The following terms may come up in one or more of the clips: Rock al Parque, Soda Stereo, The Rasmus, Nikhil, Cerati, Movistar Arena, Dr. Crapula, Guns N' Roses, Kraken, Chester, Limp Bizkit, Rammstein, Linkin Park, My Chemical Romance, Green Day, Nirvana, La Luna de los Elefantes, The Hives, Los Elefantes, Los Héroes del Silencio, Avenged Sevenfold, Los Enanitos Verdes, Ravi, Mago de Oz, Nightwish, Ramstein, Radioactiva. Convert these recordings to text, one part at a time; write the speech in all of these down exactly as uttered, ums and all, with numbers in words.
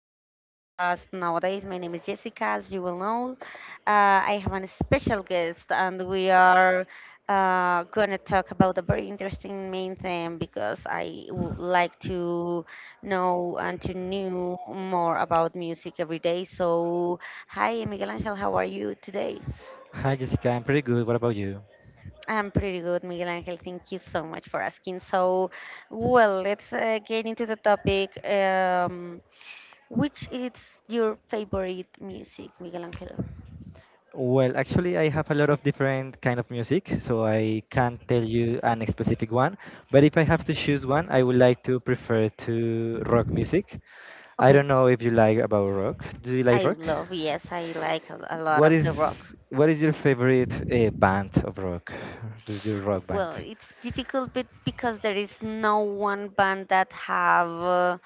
our podcast nowadays. My name is Jessica, as you will know. Uh, I have a special guest, and we are uh, going to talk about a very interesting main theme because I would like to know and to know more about music every day. So, hi Miguel Angel, how are you today? Hi Jessica, I'm pretty good. What about you? I'm pretty good, Miguel Angel. Thank you so much for asking. So, well, let's uh, get into the topic. Um, which is your favorite music, Miguel Angel? Well, actually, I have a lot of different kind of music, so I can't tell you an specific one. But if I have to choose one, I would like to prefer to rock music. I Okay. don't know if you like about rock. Do you like I rock? love, yes, I like a, a lot What of the rock. is what is your favorite uh, band of rock? Do you rock Well, band? it's difficult bit because there is no one band that have uh,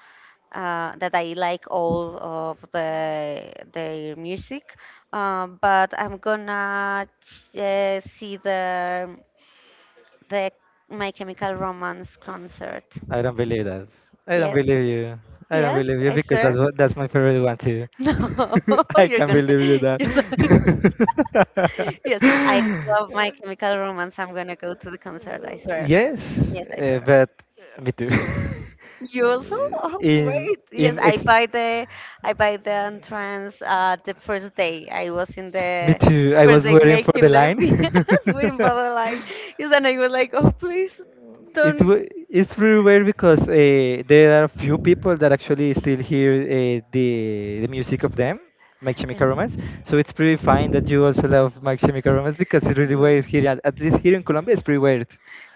uh, that I like all of the their music. Um, but I'm gonna ch- uh, see the the My Chemical Romance concert. I don't believe that. I don't Yes, believe you. I don't yes, believe you I because that's swear. what that's my favorite one too. No, I you're can't gonna. believe you that. You're like, yes, I love My Chemical Romance. I'm gonna go to the concert. I swear. Yes, Yes, I uh, swear. but me too. You also? Oh, in great. Yes, in I ex. buy the I buy the entrance uh the first day. I was in Me the too. the I first was day waiting for the making the line. yes, waiting for the line. Yes, and I was like, oh please It's don't. w- it's pretty weird because uh, there are a few people that actually still hear uh, the the music of them, My Yeah. Chemical Romance. So it's pretty fine that you also love My Chemical Romance because it's really No. weird here. At at least here in Colombia, it's pretty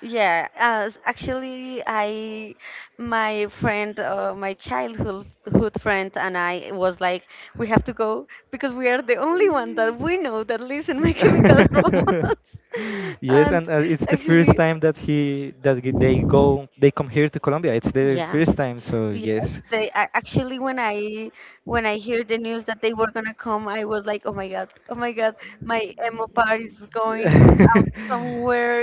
Yeah, uh, s- actually, I, my friend, uh, my childhood hood friend, and I was like, we have to go because we are the only weird. one that we know that lives in My Chemical Romance. Yes, And and uh, it's the first actually, time that he that g- they go they come here to Colombia. It's their yeah. first time, so Yes, yes. they a- actually when I when I hear the news that they were gonna come, I was like, oh my god, oh my god, my emo part is going out somewhere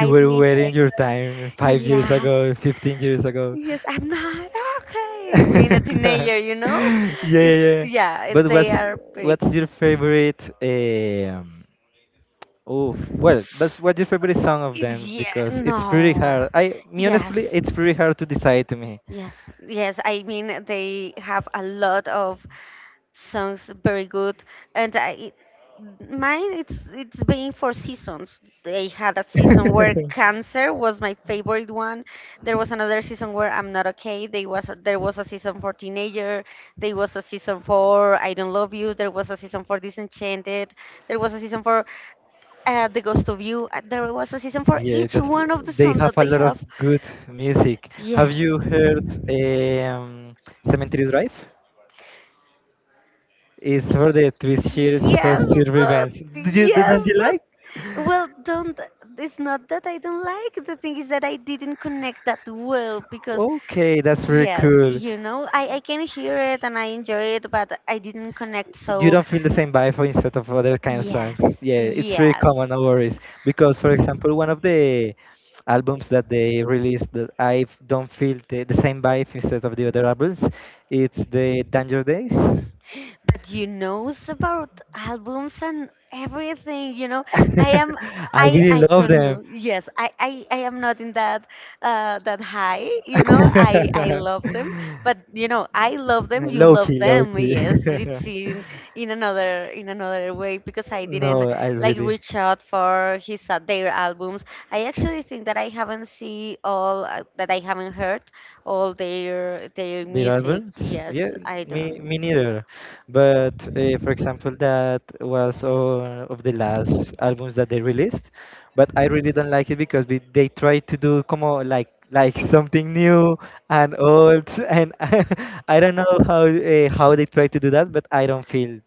You were me that wearing your I time five years yes, ago, fifteen years ago. yes, I'm not okay. Being a Yeah, teenager, you know, yeah, it's yeah. yeah, it- But they what's are big. what's your favorite? Eh, Um, Oof. Well, that's what's your favorite song of It's them? yeah, Because it's pretty no, hard. I, me yes. honestly, it's pretty hard to decide to me. Yes, yes. I mean, they have a lot of sounds very good. And I, it- mine, it's it's been for seasons. They had a season where cancer was my favorite one. There was another season where I'm not okay. There was a, there was a season for teenager. There was a season for I don't love you. There was a season for disenchanted. There was a season for uh, the ghost of you. Uh, There was a season for Yeah, each that's, one of the they songs have that a they lot have. of good music. Have Yes. you heard um, Cemetery Drive? It's for the Twist Years Yes, first year but events. Did you, yes, didn't you but like? well, don't. It's not that I don't like. The thing is that I didn't connect that well because, Okay, that's very yes, cool. you know, I I can hear it and I enjoy it, but I didn't connect. You So don't feel the same vibe for instead of other kind of songs. yes, Yeah, it's very yes, common, no worries. Because, for example, one of the albums that they released, that I f- don't feel the, the same vibe instead of the other albums, it's the yeah, Danger Days. that you knows about albums and everything you know. i am I i really i love don't them. know, yes, i i, I am not in that uh that high, you know, i i love them, but you know, I love them, you Low love key, low them, key. yes. It's in in another, in another way because I didn't No, I like really. reach out for his uh, their albums. I actually think that I haven't seen all uh, that I haven't heard all their their The music. albums? Yes, Yeah, I me don't. me neither. But uh, for example, that was uh, of the last albums that they released. But I really don't like it because we, they try to do como like like something new and old, and I don't know how uh, how they try to do that, but I don't feel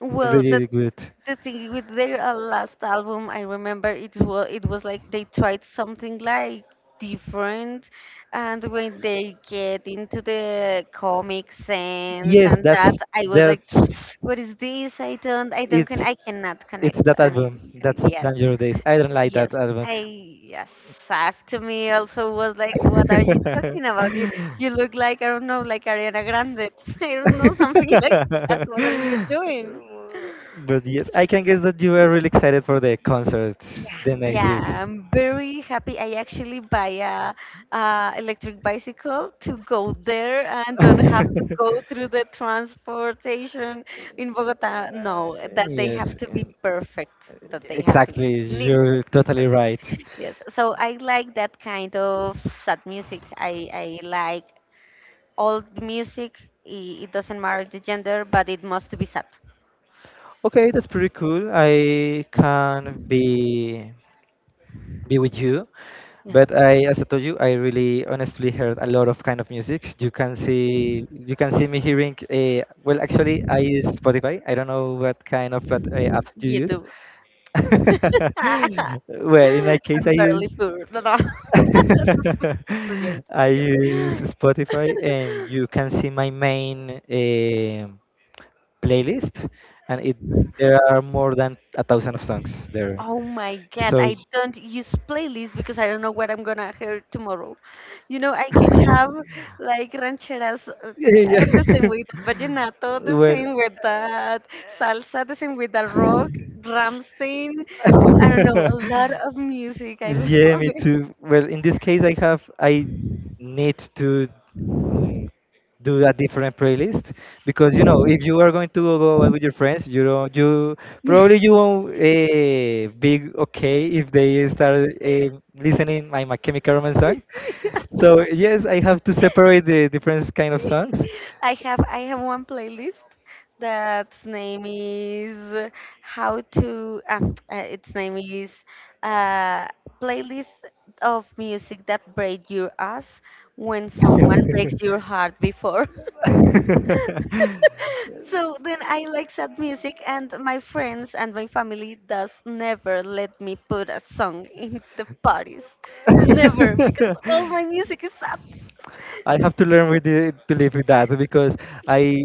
Well, the really good. the thing with their uh, last album, I remember it was it was like they tried something like different, and when they get into the comic sense Yes, and that's that, I was like, that's what is this? I don't, I don't, it's con- I cannot it's connect, that and I album. didn't connect. That's Yes, Dangerous Days. I don't like that yes, album. I yes. After me also was like, "What are you talking about? You you look like I don't know, like Ariana Grande. I don't know something like that. What are you doing?" But yes, I can guess that you were really excited for the concert Yeah, the next year. yeah, I'm very happy. I actually buy a uh, electric bicycle to go there and don't have to go through the transportation in Bogota. No, that they have Yes, to be and perfect. That they have to be exactly. needs You're to be totally perfect. right. Yes, so I like that kind of sad music. I I like old music. It, it doesn't matter the gender, but it must be sad. Okay, that's pretty cool. I can be be with you. Yeah, But I, as I told you, I really honestly heard a lot of kind of music. You can see, you can see me hearing. Uh, well, actually, I use Spotify. I don't know what kind of plat- uh, apps you you use. do. Well, in my case, I I'm barely use poor. No, no. That's a, that's a joke. I That's a use joke. Spotify, and you can see my main eh, playlist, and it there are more than a thousand of songs there. Oh my god, So I don't use playlists because I don't know what I'm gonna hear tomorrow. You know, I can have like rancheras, uh, yeah, uh, the same yeah. with vallenato, the same with that salsa, the same with that well, rock, Ramstein. I don't know, a lot of music. I yeah, love me it. too. Well, in this case, I have I need to mm, do a different playlist because you know if you are going to go out with your friends, you don't you probably you won't uh, be okay if they start uh, listening my My Chemical Romance song. So yes, I have to separate the different kind of songs. I have I have one playlist that's name is how to um, uh, its name is uh, playlist of music that break your ass when someone breaks your heart before. So then I like sad music, and my friends and my family does never let me put a song in the parties. Never, because all my music is sad. I have to learn with the, to live with that because I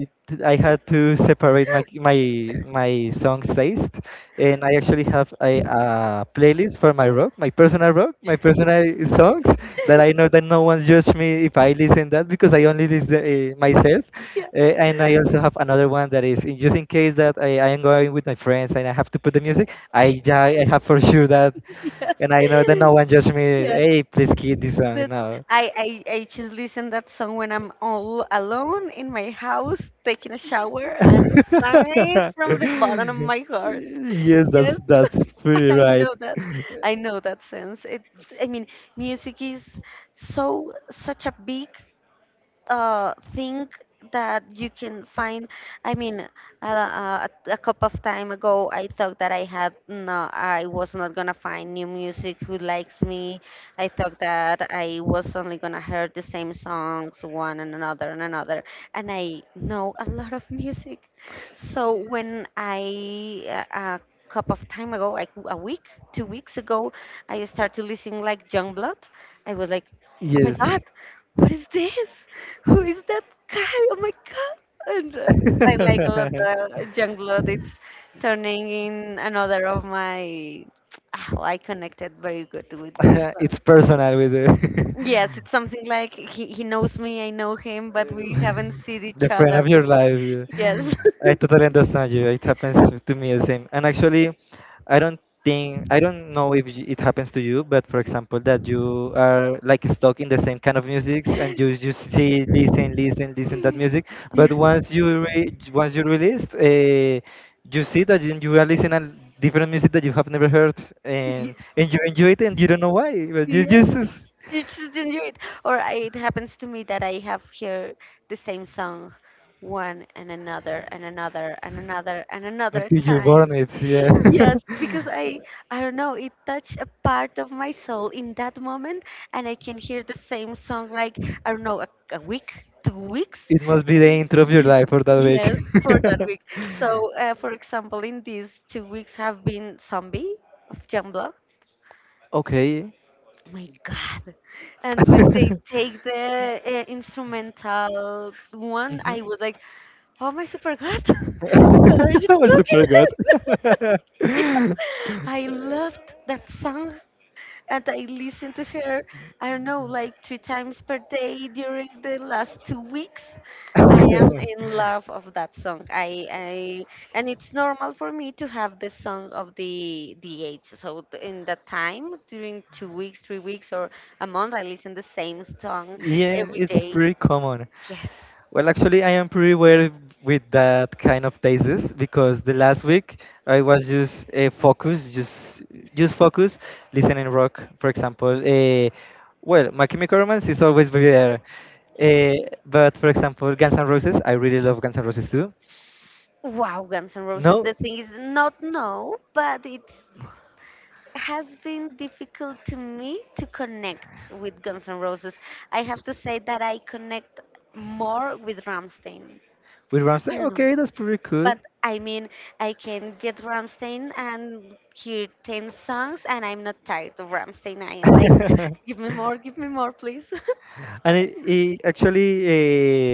I had to separate my my my songs taste, and I actually have a uh, playlist for my rock, my personal rock, my personal songs that I know that no one judge me if I listen that because I only listen uh, myself, Yeah. uh, and I also have another one that is in just in case that I, I am going with my friends and I have to put the music, I I have for sure that, Yes. and I know that no one judge me. Yeah. Hey, please keep this song That now. I, I I just listen that song when I'm all alone in my house taking a shower and sing it from the bottom of my heart. Yes, that's Yes. that's pretty I right. know that. I know that sense. It I mean, music is so such a big uh, think that you can find. I mean, uh, uh, a a couple of time ago, I thought that I had no, I was not gonna find new music who likes me. I thought that I was only gonna hear the same songs one and another and another, and I know a lot of music. So when I uh, a couple of time ago, like a week, two weeks ago, I started listening like Youngblood. I was like, oh my Yes. god, what is this? Who is that guy? Oh my god! And uh, I like a lot the young blood. It's turning in another of my. Oh, I connected very good with their song. It's personal with the Yes, it's something like he, he knows me, I know him, but we haven't seen each the friend other of your before. life. Yeah. Yes. I totally understand you. It happens to me the same. And actually, I don't think I don't know if y- it happens to you, but for example, that you are like stuck in the same kind of music and you you see Yes. listen listen listen that music, but once you re- once you released, uh, you see that you you are listening. And different music that you have never heard, and Ye- and you enjoy it, and you don't know why, but you Yes, just you just enjoy it. Or I- it happens to me that I have hear the same song one and another and another and another and another until you burn time. it, yeah. Yes, because I I don't know, it touched a part of my soul in that moment, and I can hear the same song like I don't know, a, a week, two weeks. It must be the intro of your Yes, life for that week. yes, for that week. So, uh, for example, in these two weeks have been Zombie of Youngblood, Okay. my god, and when they What? take the uh, instrumental one, Mhm. I was like oh my super god what are you I talking super good. about I loved that song. And I listened to her, I don't know, like three times per day during the last two weeks. I am in love of that song. I, I and it's normal for me to have the song of the the age. So th- in that time, during two weeks, three weeks, or a month, I listen the same song Yeah, every it's day. pretty common. Yes. Well, actually, I am pretty aware with that kind of thesis because the last week I was just uh, focused, just just focus, listening rock, for example. Uh, well, My Chemical Romance is always be there, uh, but for example, Guns N' Roses, I really love Guns N' Roses too. Wow, Guns N' Roses. No, The thing is not no, but it's has been difficult to me to connect with Guns N' Roses. I have to say that I connect more with Ramstein. with I Rammstein, don't know, okay, that's pretty cool. but I mean, I can get Ramstein and hear ten songs, and I'm not tired of Ramstein. I am like, give me more, give me more, please. And it, it actually,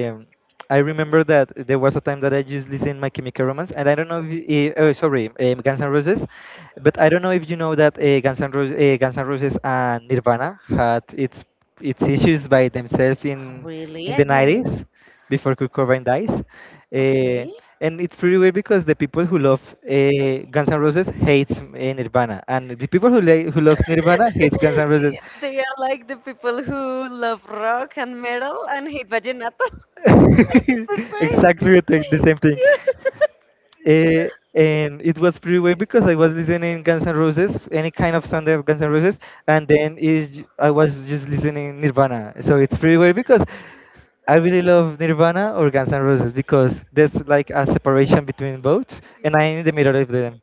um I remember that there was a time that I just listened My Chemical Romance, and I don't know if you, uh, oh, sorry, um, Guns N' Roses, but I don't know if you know that uh, Guns N' Roses, uh, Guns N' Roses and Nirvana had its its issues by themselves Oh, in really? in I the didn't know. nineties before Kurt Cobain dies. Uh, Okay. and it's pretty weird because the people who love uh, Guns N' Roses hates uh, Nirvana, and the people who, li- who loves Nirvana hates Guns N' Roses. They are like the people who love rock and metal and hate vallenato. It's the same Exactly the thing- the thing. same thing. Yeah. Eh, and it was pretty weird because I was listening Guns N' Roses, any kind of sound of Guns N' Roses, and then is I was just listening Nirvana. So it's pretty weird because I really love Nirvana or Guns N' Roses, because there's like a separation between both, and I'm in the middle of them.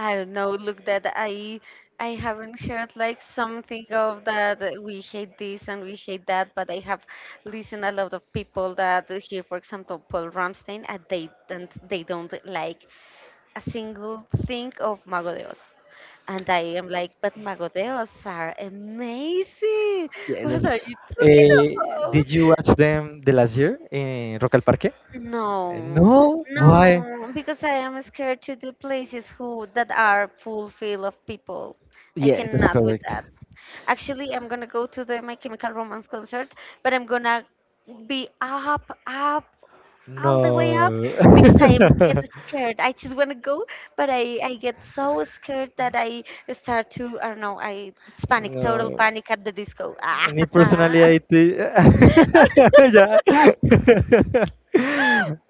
I don't know. Look, that I I haven't heard like something of that. uh, We hate this and we hate that, but I have listened a lot of people that uh, hear, for example, Paul Ramstein, and they don't they don't like a single thing of Mago de Oz. And I am like, but Mago de Oz are amazing. Yeah, What that's. are you talking Eh, did about? you watch them the last year in Rock al Parque? Eh, No, No, why? no, because I am scared to the places who that are full filled of people. I Yeah, that's cannot with correct. that. Actually, I'm gonna go to the My Chemical Romance concert, but I'm gonna be up, up, all the way up No. because I am get scared. I just wanna go, but I I get so scared that I start to I don't know. I it's panic, total No. panic at the disco. Me Ah. personally, I think. Yeah.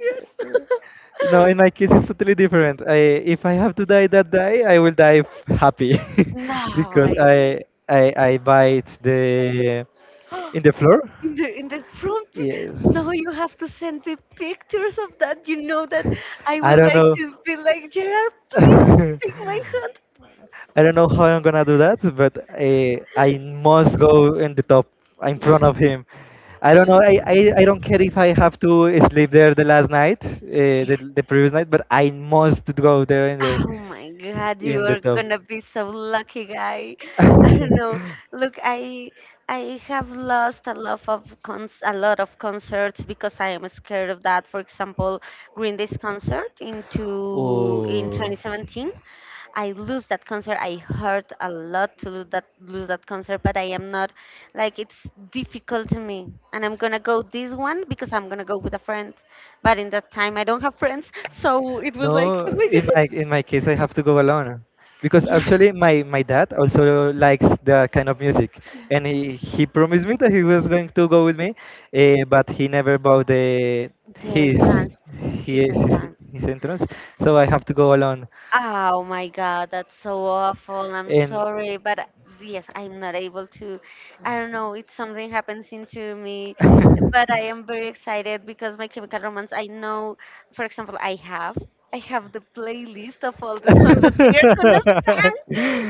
Yes. No, in my case, it's totally different. I, if I have to die that day, I will die f- happy Now because I know. I, I, I bite the in the floor. In the in the front, now Yes. you have to send me pictures of that. You know that I I would don't like to be like Gerard. Please know. take my I don't know how I'm gonna do that, but I, I must go in the top in hand. Yeah, front of him. I don't know. I, I, I don't care if I have to sleep there the last night, uh, yeah. the, the previous night, but I must go there in the Oh my God, you in the are top. gonna be so lucky, guy. I don't know. Look, I I have lost a lot of cons a lot of concerts because I am scared of that. For example, Green Day's concert into in Oh. twenty seventeen, I lose that concert. I hurt a lot to lose that lose that concert, but I am not like it's difficult to me. And I'm gonna go this one because I'm gonna go with a friend. But in that time, I don't have friends, so it was like, No, oh my in God. my in my case, I have to go alone because Yeah. actually my my dad also likes that kind of music, and he he promised me that he was going to go with me, uh, but he never bought the The his entrance, his his entrance. his entrance, so I have to go alone. Oh my God, that's so awful. I'm And sorry, but uh, yes, I'm not able to. I don't know, it's something happens into me, but I am very excited because My Chemical Romance, I know, for example, I have. I have the playlist of all the songs that they are gonna to sing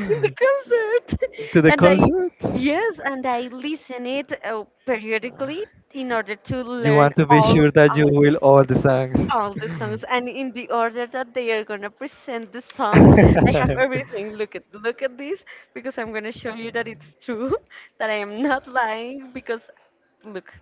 in the concert, the and I, concert? yes, and I listen it uh, periodically in order to You learn want to be all sure that you will all the songs. all the songs and in the order that they are gonna present the songs. I have everything. Look at look at this because I'm gonna show you that it's true, that I am not lying because look,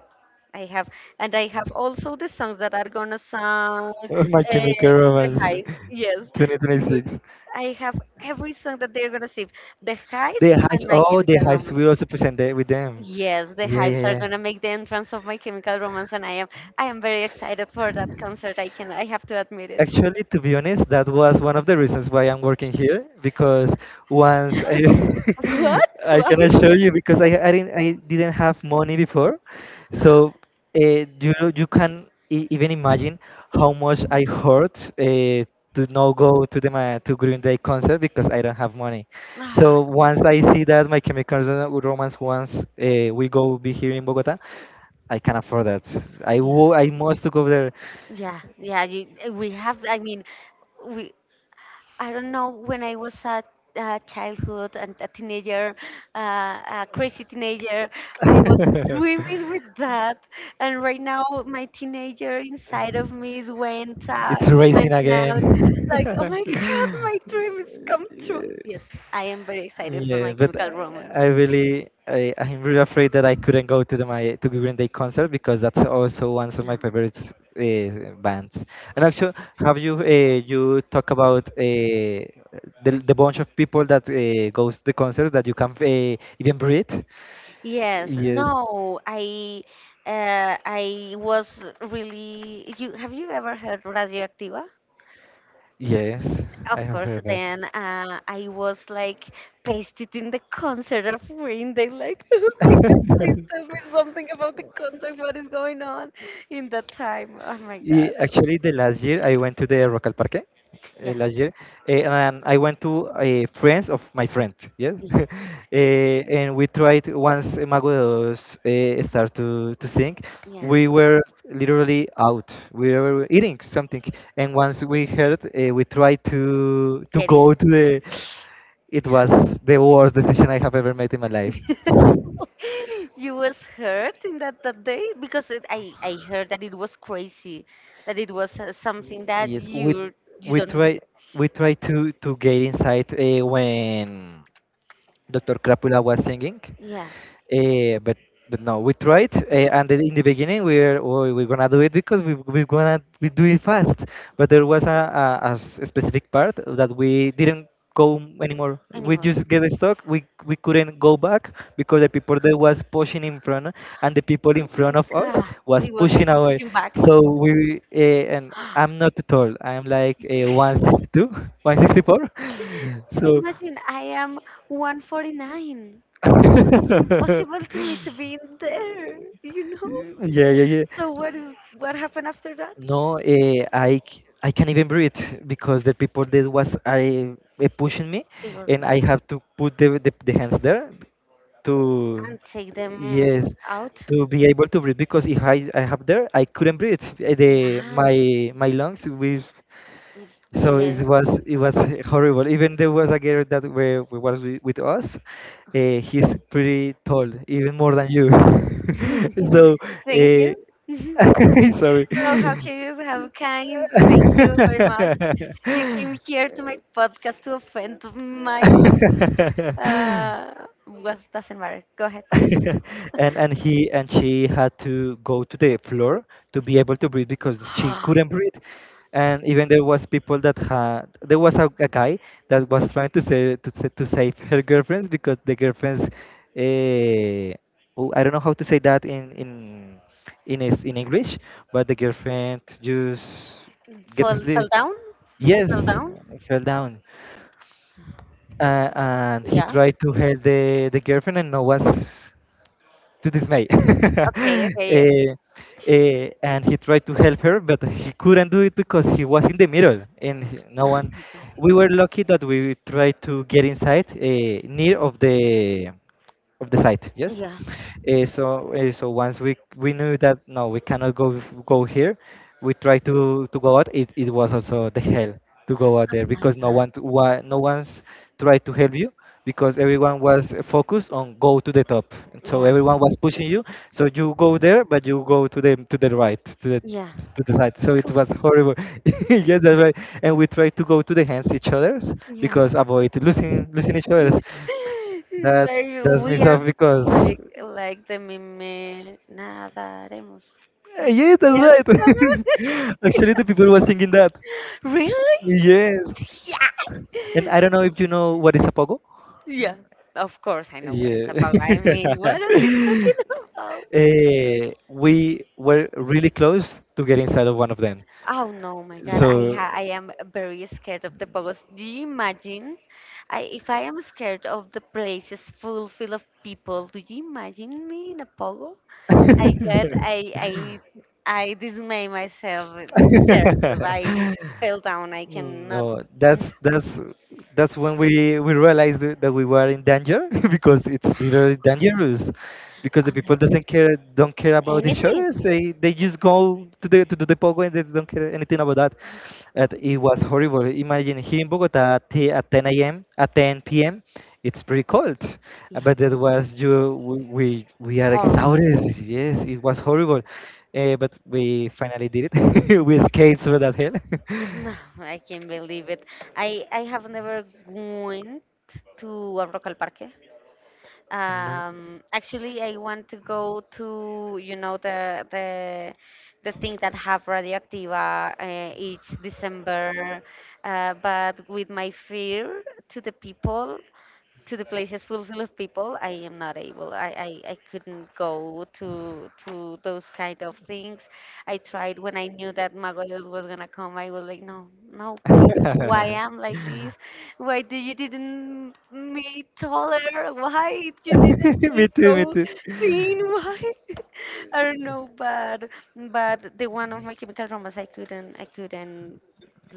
I have, and I have also the songs that are gonna song, uh, Oh, My Chemical The Romance Hives, yes. Look, twenty twenty-six. I have every song that they're gonna sing, The They Hives and hives. My Oh, they Chemical hives. Romance. We also presented with them. Yes, The Yeah, Hypes are yeah, gonna make the entrance of My Chemical Romance, and I am I am very excited for yeah. that concert. I can I have to admit it. Actually, to be honest, that was one of the reasons why I'm working here because once I, What? I Why? cannot show you because I, I didn't I didn't have money before, so uh, you you can e- even imagine how much I hurt uh, to not go to the ma- to Green Day concert because I don't have money. Ah, So once I see that My Chemical Ro- Romance once uh, we go be here in Bogota, I can afford that. I yeah, wo- I must to go there. yeah, yeah. You, we have. I mean, we I don't know, when I was a, a childhood and a teenager, uh, a crazy teenager, I was dreaming with that. And right now, my teenager inside of me is went out, It's it racing went out. Like, oh my God, again. my dream is come true. Yes, I am very excited for Yeah, my but Chemical Romance. I really, I, I'm really afraid that I couldn't go to the my to Green Day concert because that's also one of my Yeah. favorite uh, bands. And actually, have you uh, you talk about uh, the the bunch of people that uh, goes to the concert that you can't uh, even breathe? Yes, Yes, no, I, uh, I was really. You have you ever heard Radioactiva? yes, I Of have course, heard about. then uh, I was like pasted in the concert of Green Day, like, oh my God, please tell me something about the concert. What is going on in that time? Oh my Yeah, God, I was, actually, the last year I went to the Rocal Parque. yeah, Uh, last year, uh, and I went to uh, friends of my friend. Yes, yeah, uh, and we tried once Mago de Oz uh, start to to sing. yeah, We were literally out. We were eating something, and once we heard, uh, we tried to to getting. go to the. It was the worst decision I have ever made in my life. You was hurt in that that day because it, I I heard that it was crazy, that it was uh, something that Yes, we you you we don't, try we try to to get inside uh, when doctor Crapula was singing. yeah, Uh, but but no, we tried, uh, and then in the beginning we were oh, we're gonna do it because we we're gonna we do it fast. But there was a, a, a s- a specific part that we didn't go anymore. We anymore. just get stuck. We we couldn't go back because the people that was pushing in front and the people Oh in my front of us God, was it was pushing away. pushing back. So we uh, and I'm not tall. I'm like uh, one sixty-two, one six four. So Imagine I am one forty-nine. It's impossible to me to be in there, you know? Yeah, yeah, yeah. So what is what happened after that? No, uh, I c- I can't even breathe because the people that was I eh, pushing me, They were and great. I have to put the, the the hands there to And take them yes out. to be able to breathe because if I I have there I couldn't breathe. Eh, The Yeah. my my lungs will so it Didn't. was it was horrible. Even there was a girl that were, was with, with us. Uh, he's pretty tall, even more than you. So, Thank you. So uh, sorry. how can you have kind? Thank you very much. You came here to my podcast to offend my, uh, well, doesn't matter. Go ahead. and and he and she had to go to the floor to be able to breathe because she couldn't breathe, and even there was people that had there was a, a guy that was trying to say to, sa- to save her girlfriends because the girlfriends uh, oh, I don't know how to say that in in in is in English, but the girlfriend just gets Fall, sleep fell down? She fell yes down? fell down, uh, and he Yeah. tried to help the the girlfriend and no was to dismay. Okay, okay, yeah. Okay. Eh, and he tried to help her, but he couldn't do it because he was in the middle, and he- no one. We were lucky that we tried to get inside, eh, near of the of the site Oh my God. yes, Yeah. uh, so uh, so once we we knew that no we cannot go go here, we tried to to go out it, it was also the hell to go out Oh there my because no God. one to, no one's tried to help you because everyone was focused on go to the top, so Yeah. everyone was pushing you, so you go there but you go to the to the right to the Yeah. to the side so it Cool. was horrible. Yes, that's right. And we tried to go to the hands each others Yeah. because avoid losing losing each others that Like does me we are, off because like like the meme nadaremos. eh, yeah, that's Yes. right. Actually, the people were singing that. Really? Yes, Yeah. and I don't know if you know what is a pogo. Yeah. Of course I know what it's about. I Yeah. mean, what are you talking about? Eh, we were really close to get inside of one of them. Oh no, my God! I So ha I am very scared of the pogos. Do you imagine? I, if I am scared of the places full full of people, do you imagine me in a pogo? I get I I I dismay myself there. So I fell down. I Mm, cannot. no, Mm. that's that's that's when we we realized that that we were in danger because it's literally dangerous because Oh the my people doesn't care don't care God! about each Anything? other. They they just go to the to do the pogo and they don't care anything about that. And it was horrible. Imagine here in Bogota at t- at ten a m at ten p m. It's pretty cold. Uh, Yeah. But that was you we we we are Harm. exhausted. Yes, it was horrible, uh, but we finally did it. We escaped through that hell. No, I can't believe it. I I have never went to a Rock al Parque. And uh, Um, actually, I want to go to, you know, the the the thing that have radioactiva uh, each December, uh, but with my fear to the people, to the places full full of people, I am not able, I, I i couldn't go to to those kind of things. I tried when I knew that magoyos was gonna come. I was like, no no please no, why am like this, why do you didn't me taller, why you didn't me me too, me so too. thin, why, I don't know, but but the one of My Chemical Romance, I couldn't, I couldn't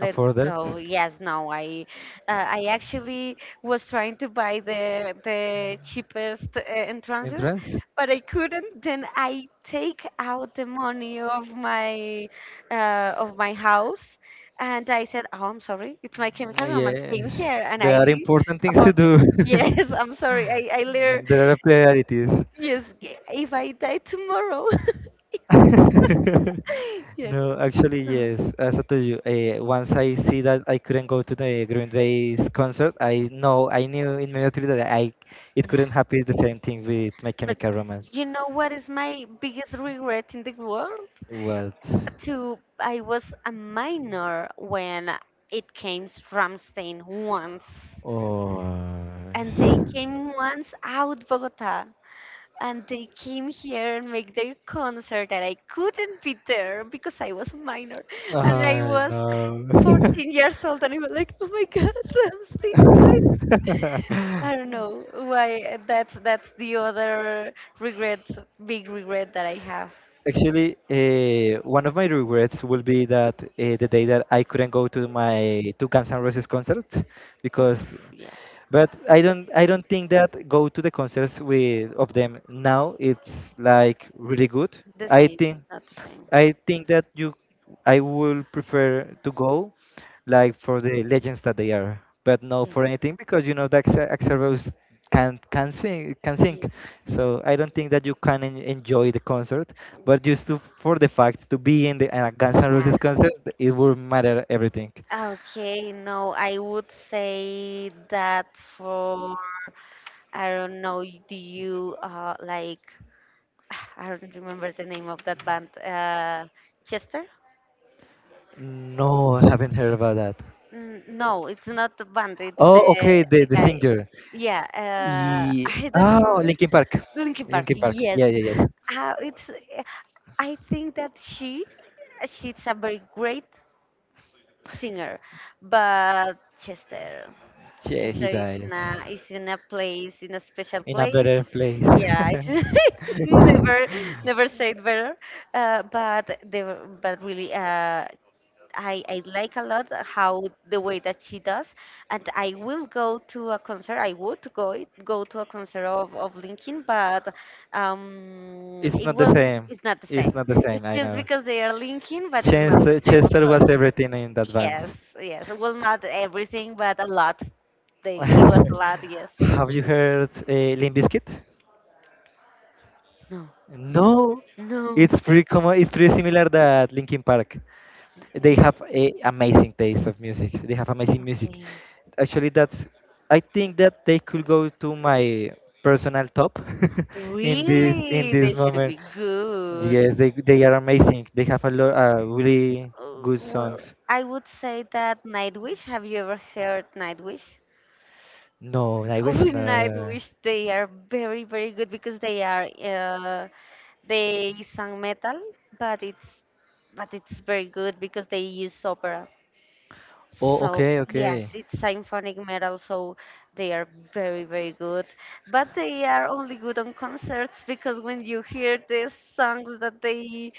Uh, for that go. Yes, no, I uh, I actually was trying to buy the the cheapest uh, entrances, entrance, but I couldn't. Then I take out the money of my uh, of my house, and I said, "Oh, I'm sorry, it's My Chemical mm, Romance yes, came here," and there I are important things to about do. yes, I'm sorry, I I later, There are priorities. yes, g- if I die tomorrow. Yes. No, actually, No. yes. As I told you, uh, once I see that I couldn't go to the Green Day's concert, I know I knew immediately that I it Yeah. couldn't happen the same thing with My But Chemical Romance. you know what is my biggest regret in the world? What? To I was a minor when it came Ramstein once, Oh, and they came once out Bogota, and they came here and make their concert, and I couldn't be there because I was a minor, and I I was know. fourteen years old, and I was like, oh my God, Ramstein, why? I don't know why uh, that's that's the other regret, big regret that I have. Actually, uh, one of my regrets will be that uh, the day that I couldn't go to my to Guns N' Roses concert because, Oof, yeah, but I don't I don't think that go to the concerts with of them now it's like really good. the I same, think not the same. I think that you, I will prefer to go, like for the legends that they are, but not Yeah, for anything because you know that Axa- Axl Rose can can sing can sing, yeah, so I don't think that you can en enjoy the concert. But just to, for the fact to be in the uh, Guns N' yeah. Roses concert, it will matter everything. Okay, no, I would say that for I don't know. Y- Do you uh like I don't remember the name of that band. Uh, Chester. No, I haven't heard about that. N- No, it's not the band. It's Oh, the okay, the the the guy. singer. Yeah, uh, Ye- I don't Oh, remember. Linkin Park. Linkin Park. Linkin Park. Yes, Yeah, yeah, yes. uh, it's. I think that she, she's a very great singer, but Chester, Yeah, he Chester is died in a is in a place, in a special in a place. better place. Yeah, it's never never said better. Uh, but they were- but really, uh, I, I like a lot how the way that she does, and I will go to a concert. I would go it- go to a concert of, of Linkin, but um, It's it not the won't. same. It's not the same. It's not the same. It's I just know. because they are Linkin, but it's not the Chester, same, of Chester course. was everything in that band. Yes, yes. Well, not everything, but a lot. They he was a lot. Yes. Have you heard uh, Limp Bizkit? No. No, No. it's pretty common. It's pretty similar that Linkin Park. Yeah. They have a amazing taste of music. They have amazing music. Okay. Actually, that's. I think that they could go to my personal top in this in Really, they this should moment. be good. Yes, they they are amazing. They have a lot uh, really Uh, good Well, songs. I would say that Nightwish. Have you ever heard Nightwish? No, I wish With not. Nightwish, they are very, very good because they are uh, they sung metal, but it's but it's very good because they use opera. Oh, So okay, yes, okay. it's symphonic metal, so they are very, very good. But they are only good on concerts because when you hear the songs that they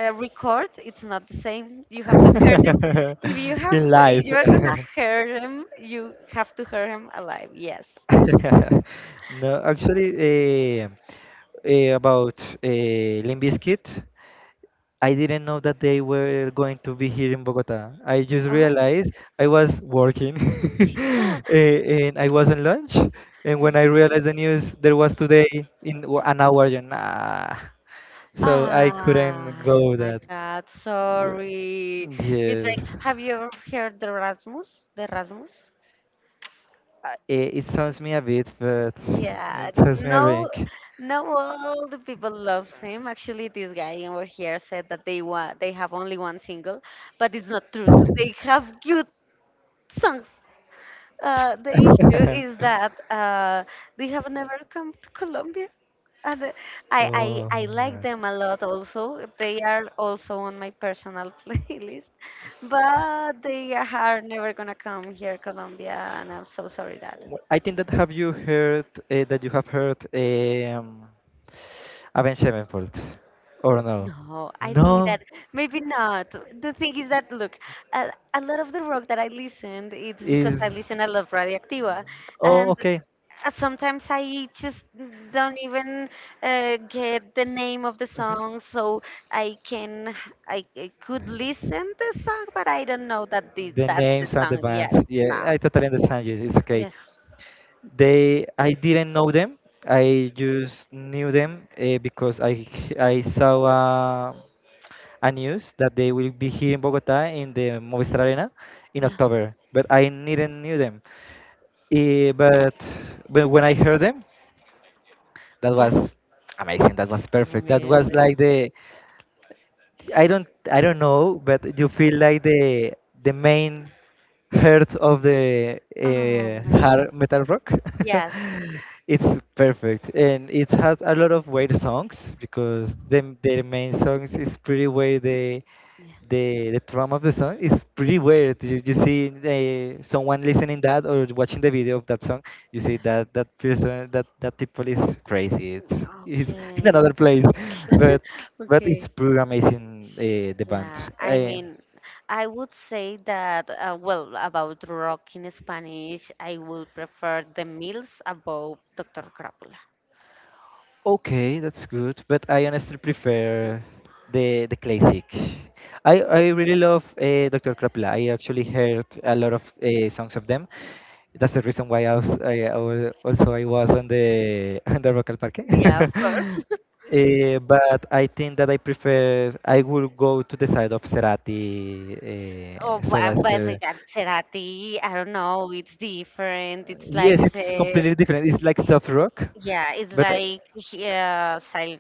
uh, record, it's not the same. You have to hear them. If you have, In if life. you are gonna hear them, you have to hear him alive. Yes. No, actually, eh, eh, about eh, Limp Bizkit, I didn't know that they were going to be here in Bogota. I just Oh. realized I was working eh, and I was on lunch. And when I realized the news, there was today in w- an hour, you nah. So I couldn't Ah, go my that. God, So- sorry. It's like, Yes. have you ever heard the Rasmus? The Rasmus? Uh, it, it sounds me a bit, but Yeah, it th- sounds me a no, rink. no, all the people loves him. Actually, this guy over here said that they want they have only one single, but it's not true. So they have good songs. Uh, the issue is that uh, they have never come to Colombia. And uh, I, Oh, I I like them a lot also. They are also on my personal playlist, but they are never gonna come here, Colombia, and I'm so sorry that. Wh- I think that have you heard uh, that you have heard um, Avenged Sevenfold or no? No, I think No, that maybe not. The thing is that look, a, a lot of the rock that I listened, it's because is I listen a lot of Radioactiva, oh and okay. uh, sometimes I just don't even uh, get the name of the Mhm. song, so I can I, I could listen the song, but I don't know that the, The that's the names and the song. bands. Yes, Yeah, no, I totally understand you. It's okay. yes, They, I didn't know them. I just knew them uh, because I I saw uh, a news that they will be here in Bogota in the Movistar Arena in yeah, October, but I didn't knew them. Eh, but but when I heard them, that yeah, was amazing. That was perfect. That was really. like the I don't I don't know, but you feel like the the main heart of the Oh uh, my, hard metal rock. yes. It's perfect, and it has a lot of weird songs because the their main songs is pretty weird. The the the drum of the song is pretty weird. You, you see uh, someone listening that or watching the video of that song, you see Yeah. that that person that that people is crazy. It's it's in Okay. another place, but but it's Okay. pretty amazing uh, the Yeah, band. I Uh, mean, I would say that, uh, well, about rock in Spanish, I would prefer the Mills above doctor Crápula. okay, that's good. But I honestly prefer the the classic. I I really love uh, Doctor Krapla. I actually heard a lot of uh, songs of them. That's the reason why I was, I, I was also I was on the on the Rock al Parque. Yeah, of course. Eh, but I think that I prefer I will go to the side of Cerati, uh, Oh, so but that's but we the got Cerati, I don't know, it's different. It's like yes, it's said, completely different. It's like soft rock, yeah, it's but I, like yeah, sil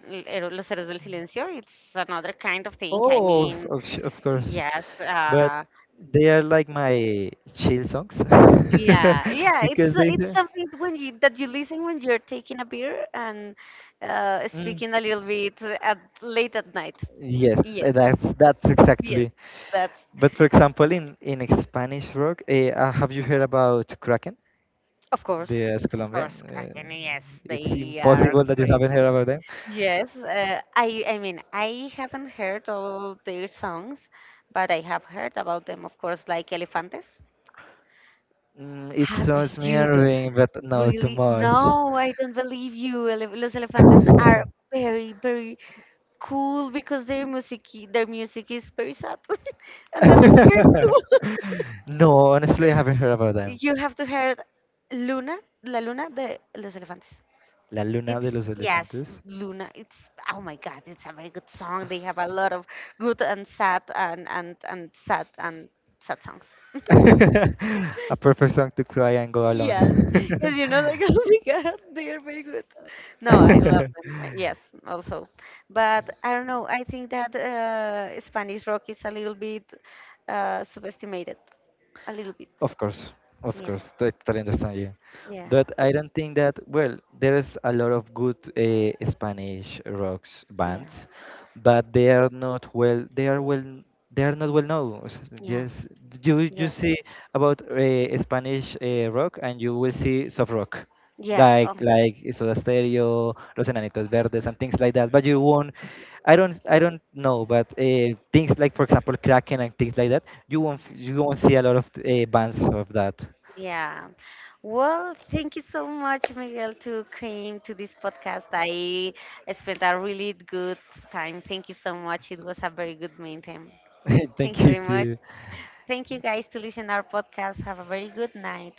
Los Héroes del Silencio. It's another kind of thing. I oh, of, mean, of sh- of course, yes, but uh, they are like my chill songs. yeah, yeah, it's Because uh, they. it's something when you that you listen when you're taking a beer and uh, Mm. speaking a little bit at late at night. Yes, Yes, that's that's yes, exactly. that's But for example, in in Spanish rock, eh, uh, have you heard about Kraken? of course, The as of Colombian, course, Kraken. uh, Yes, it's they are impossible that you great. haven't heard about them. Yes, uh, I I mean I haven't heard all their songs, but I have heard about them, of course, like Elefantes. Mm, it Have sounds you d- mirroring, but not too really? much. No, I don't believe you. Ele- Los Elefantes are very, very cool because their music their music is very sad, and that is very cool. No, honestly, I haven't heard about them. You have to hear luna, la luna de los elefantes. La Luna de It's los yes, Elefantes. luna, it's oh my God, it's a very good song. They have a lot of good and sad and and and sad and sad songs. A perfect song to cry and go alone. Yes, yes, you know, like oh my God, they are very good. No, I love them, uh, yes also, but I don't know, I think that uh, Spanish rock is a little bit uh, subestimated a little bit. Of course, of Yes. course, I totally understand you, Yeah. but I don't think that well. There's a lot of good uh, Spanish rocks Yeah. bands, but they are not well. They are well. They are not well known. S- Yeah. Yes, you you Yeah. see about uh, Spanish uh, rock, and you will see soft rock Yeah. like Oh. like Soda Stereo, Los Enanitos Verdes, and things like that. But you won't, I don't, I don't know, but uh, things like, for example, Kraken and things like that, you won't, f- you won't see a lot of uh, bands of that. Yeah. Well, thank you so much, Miguel, to came to this podcast. I spent a really good time. Thank you so much. It was a very good meeting. Thank Thank you you very much. too. Thank you guys to listen our podcast. Have a very good night.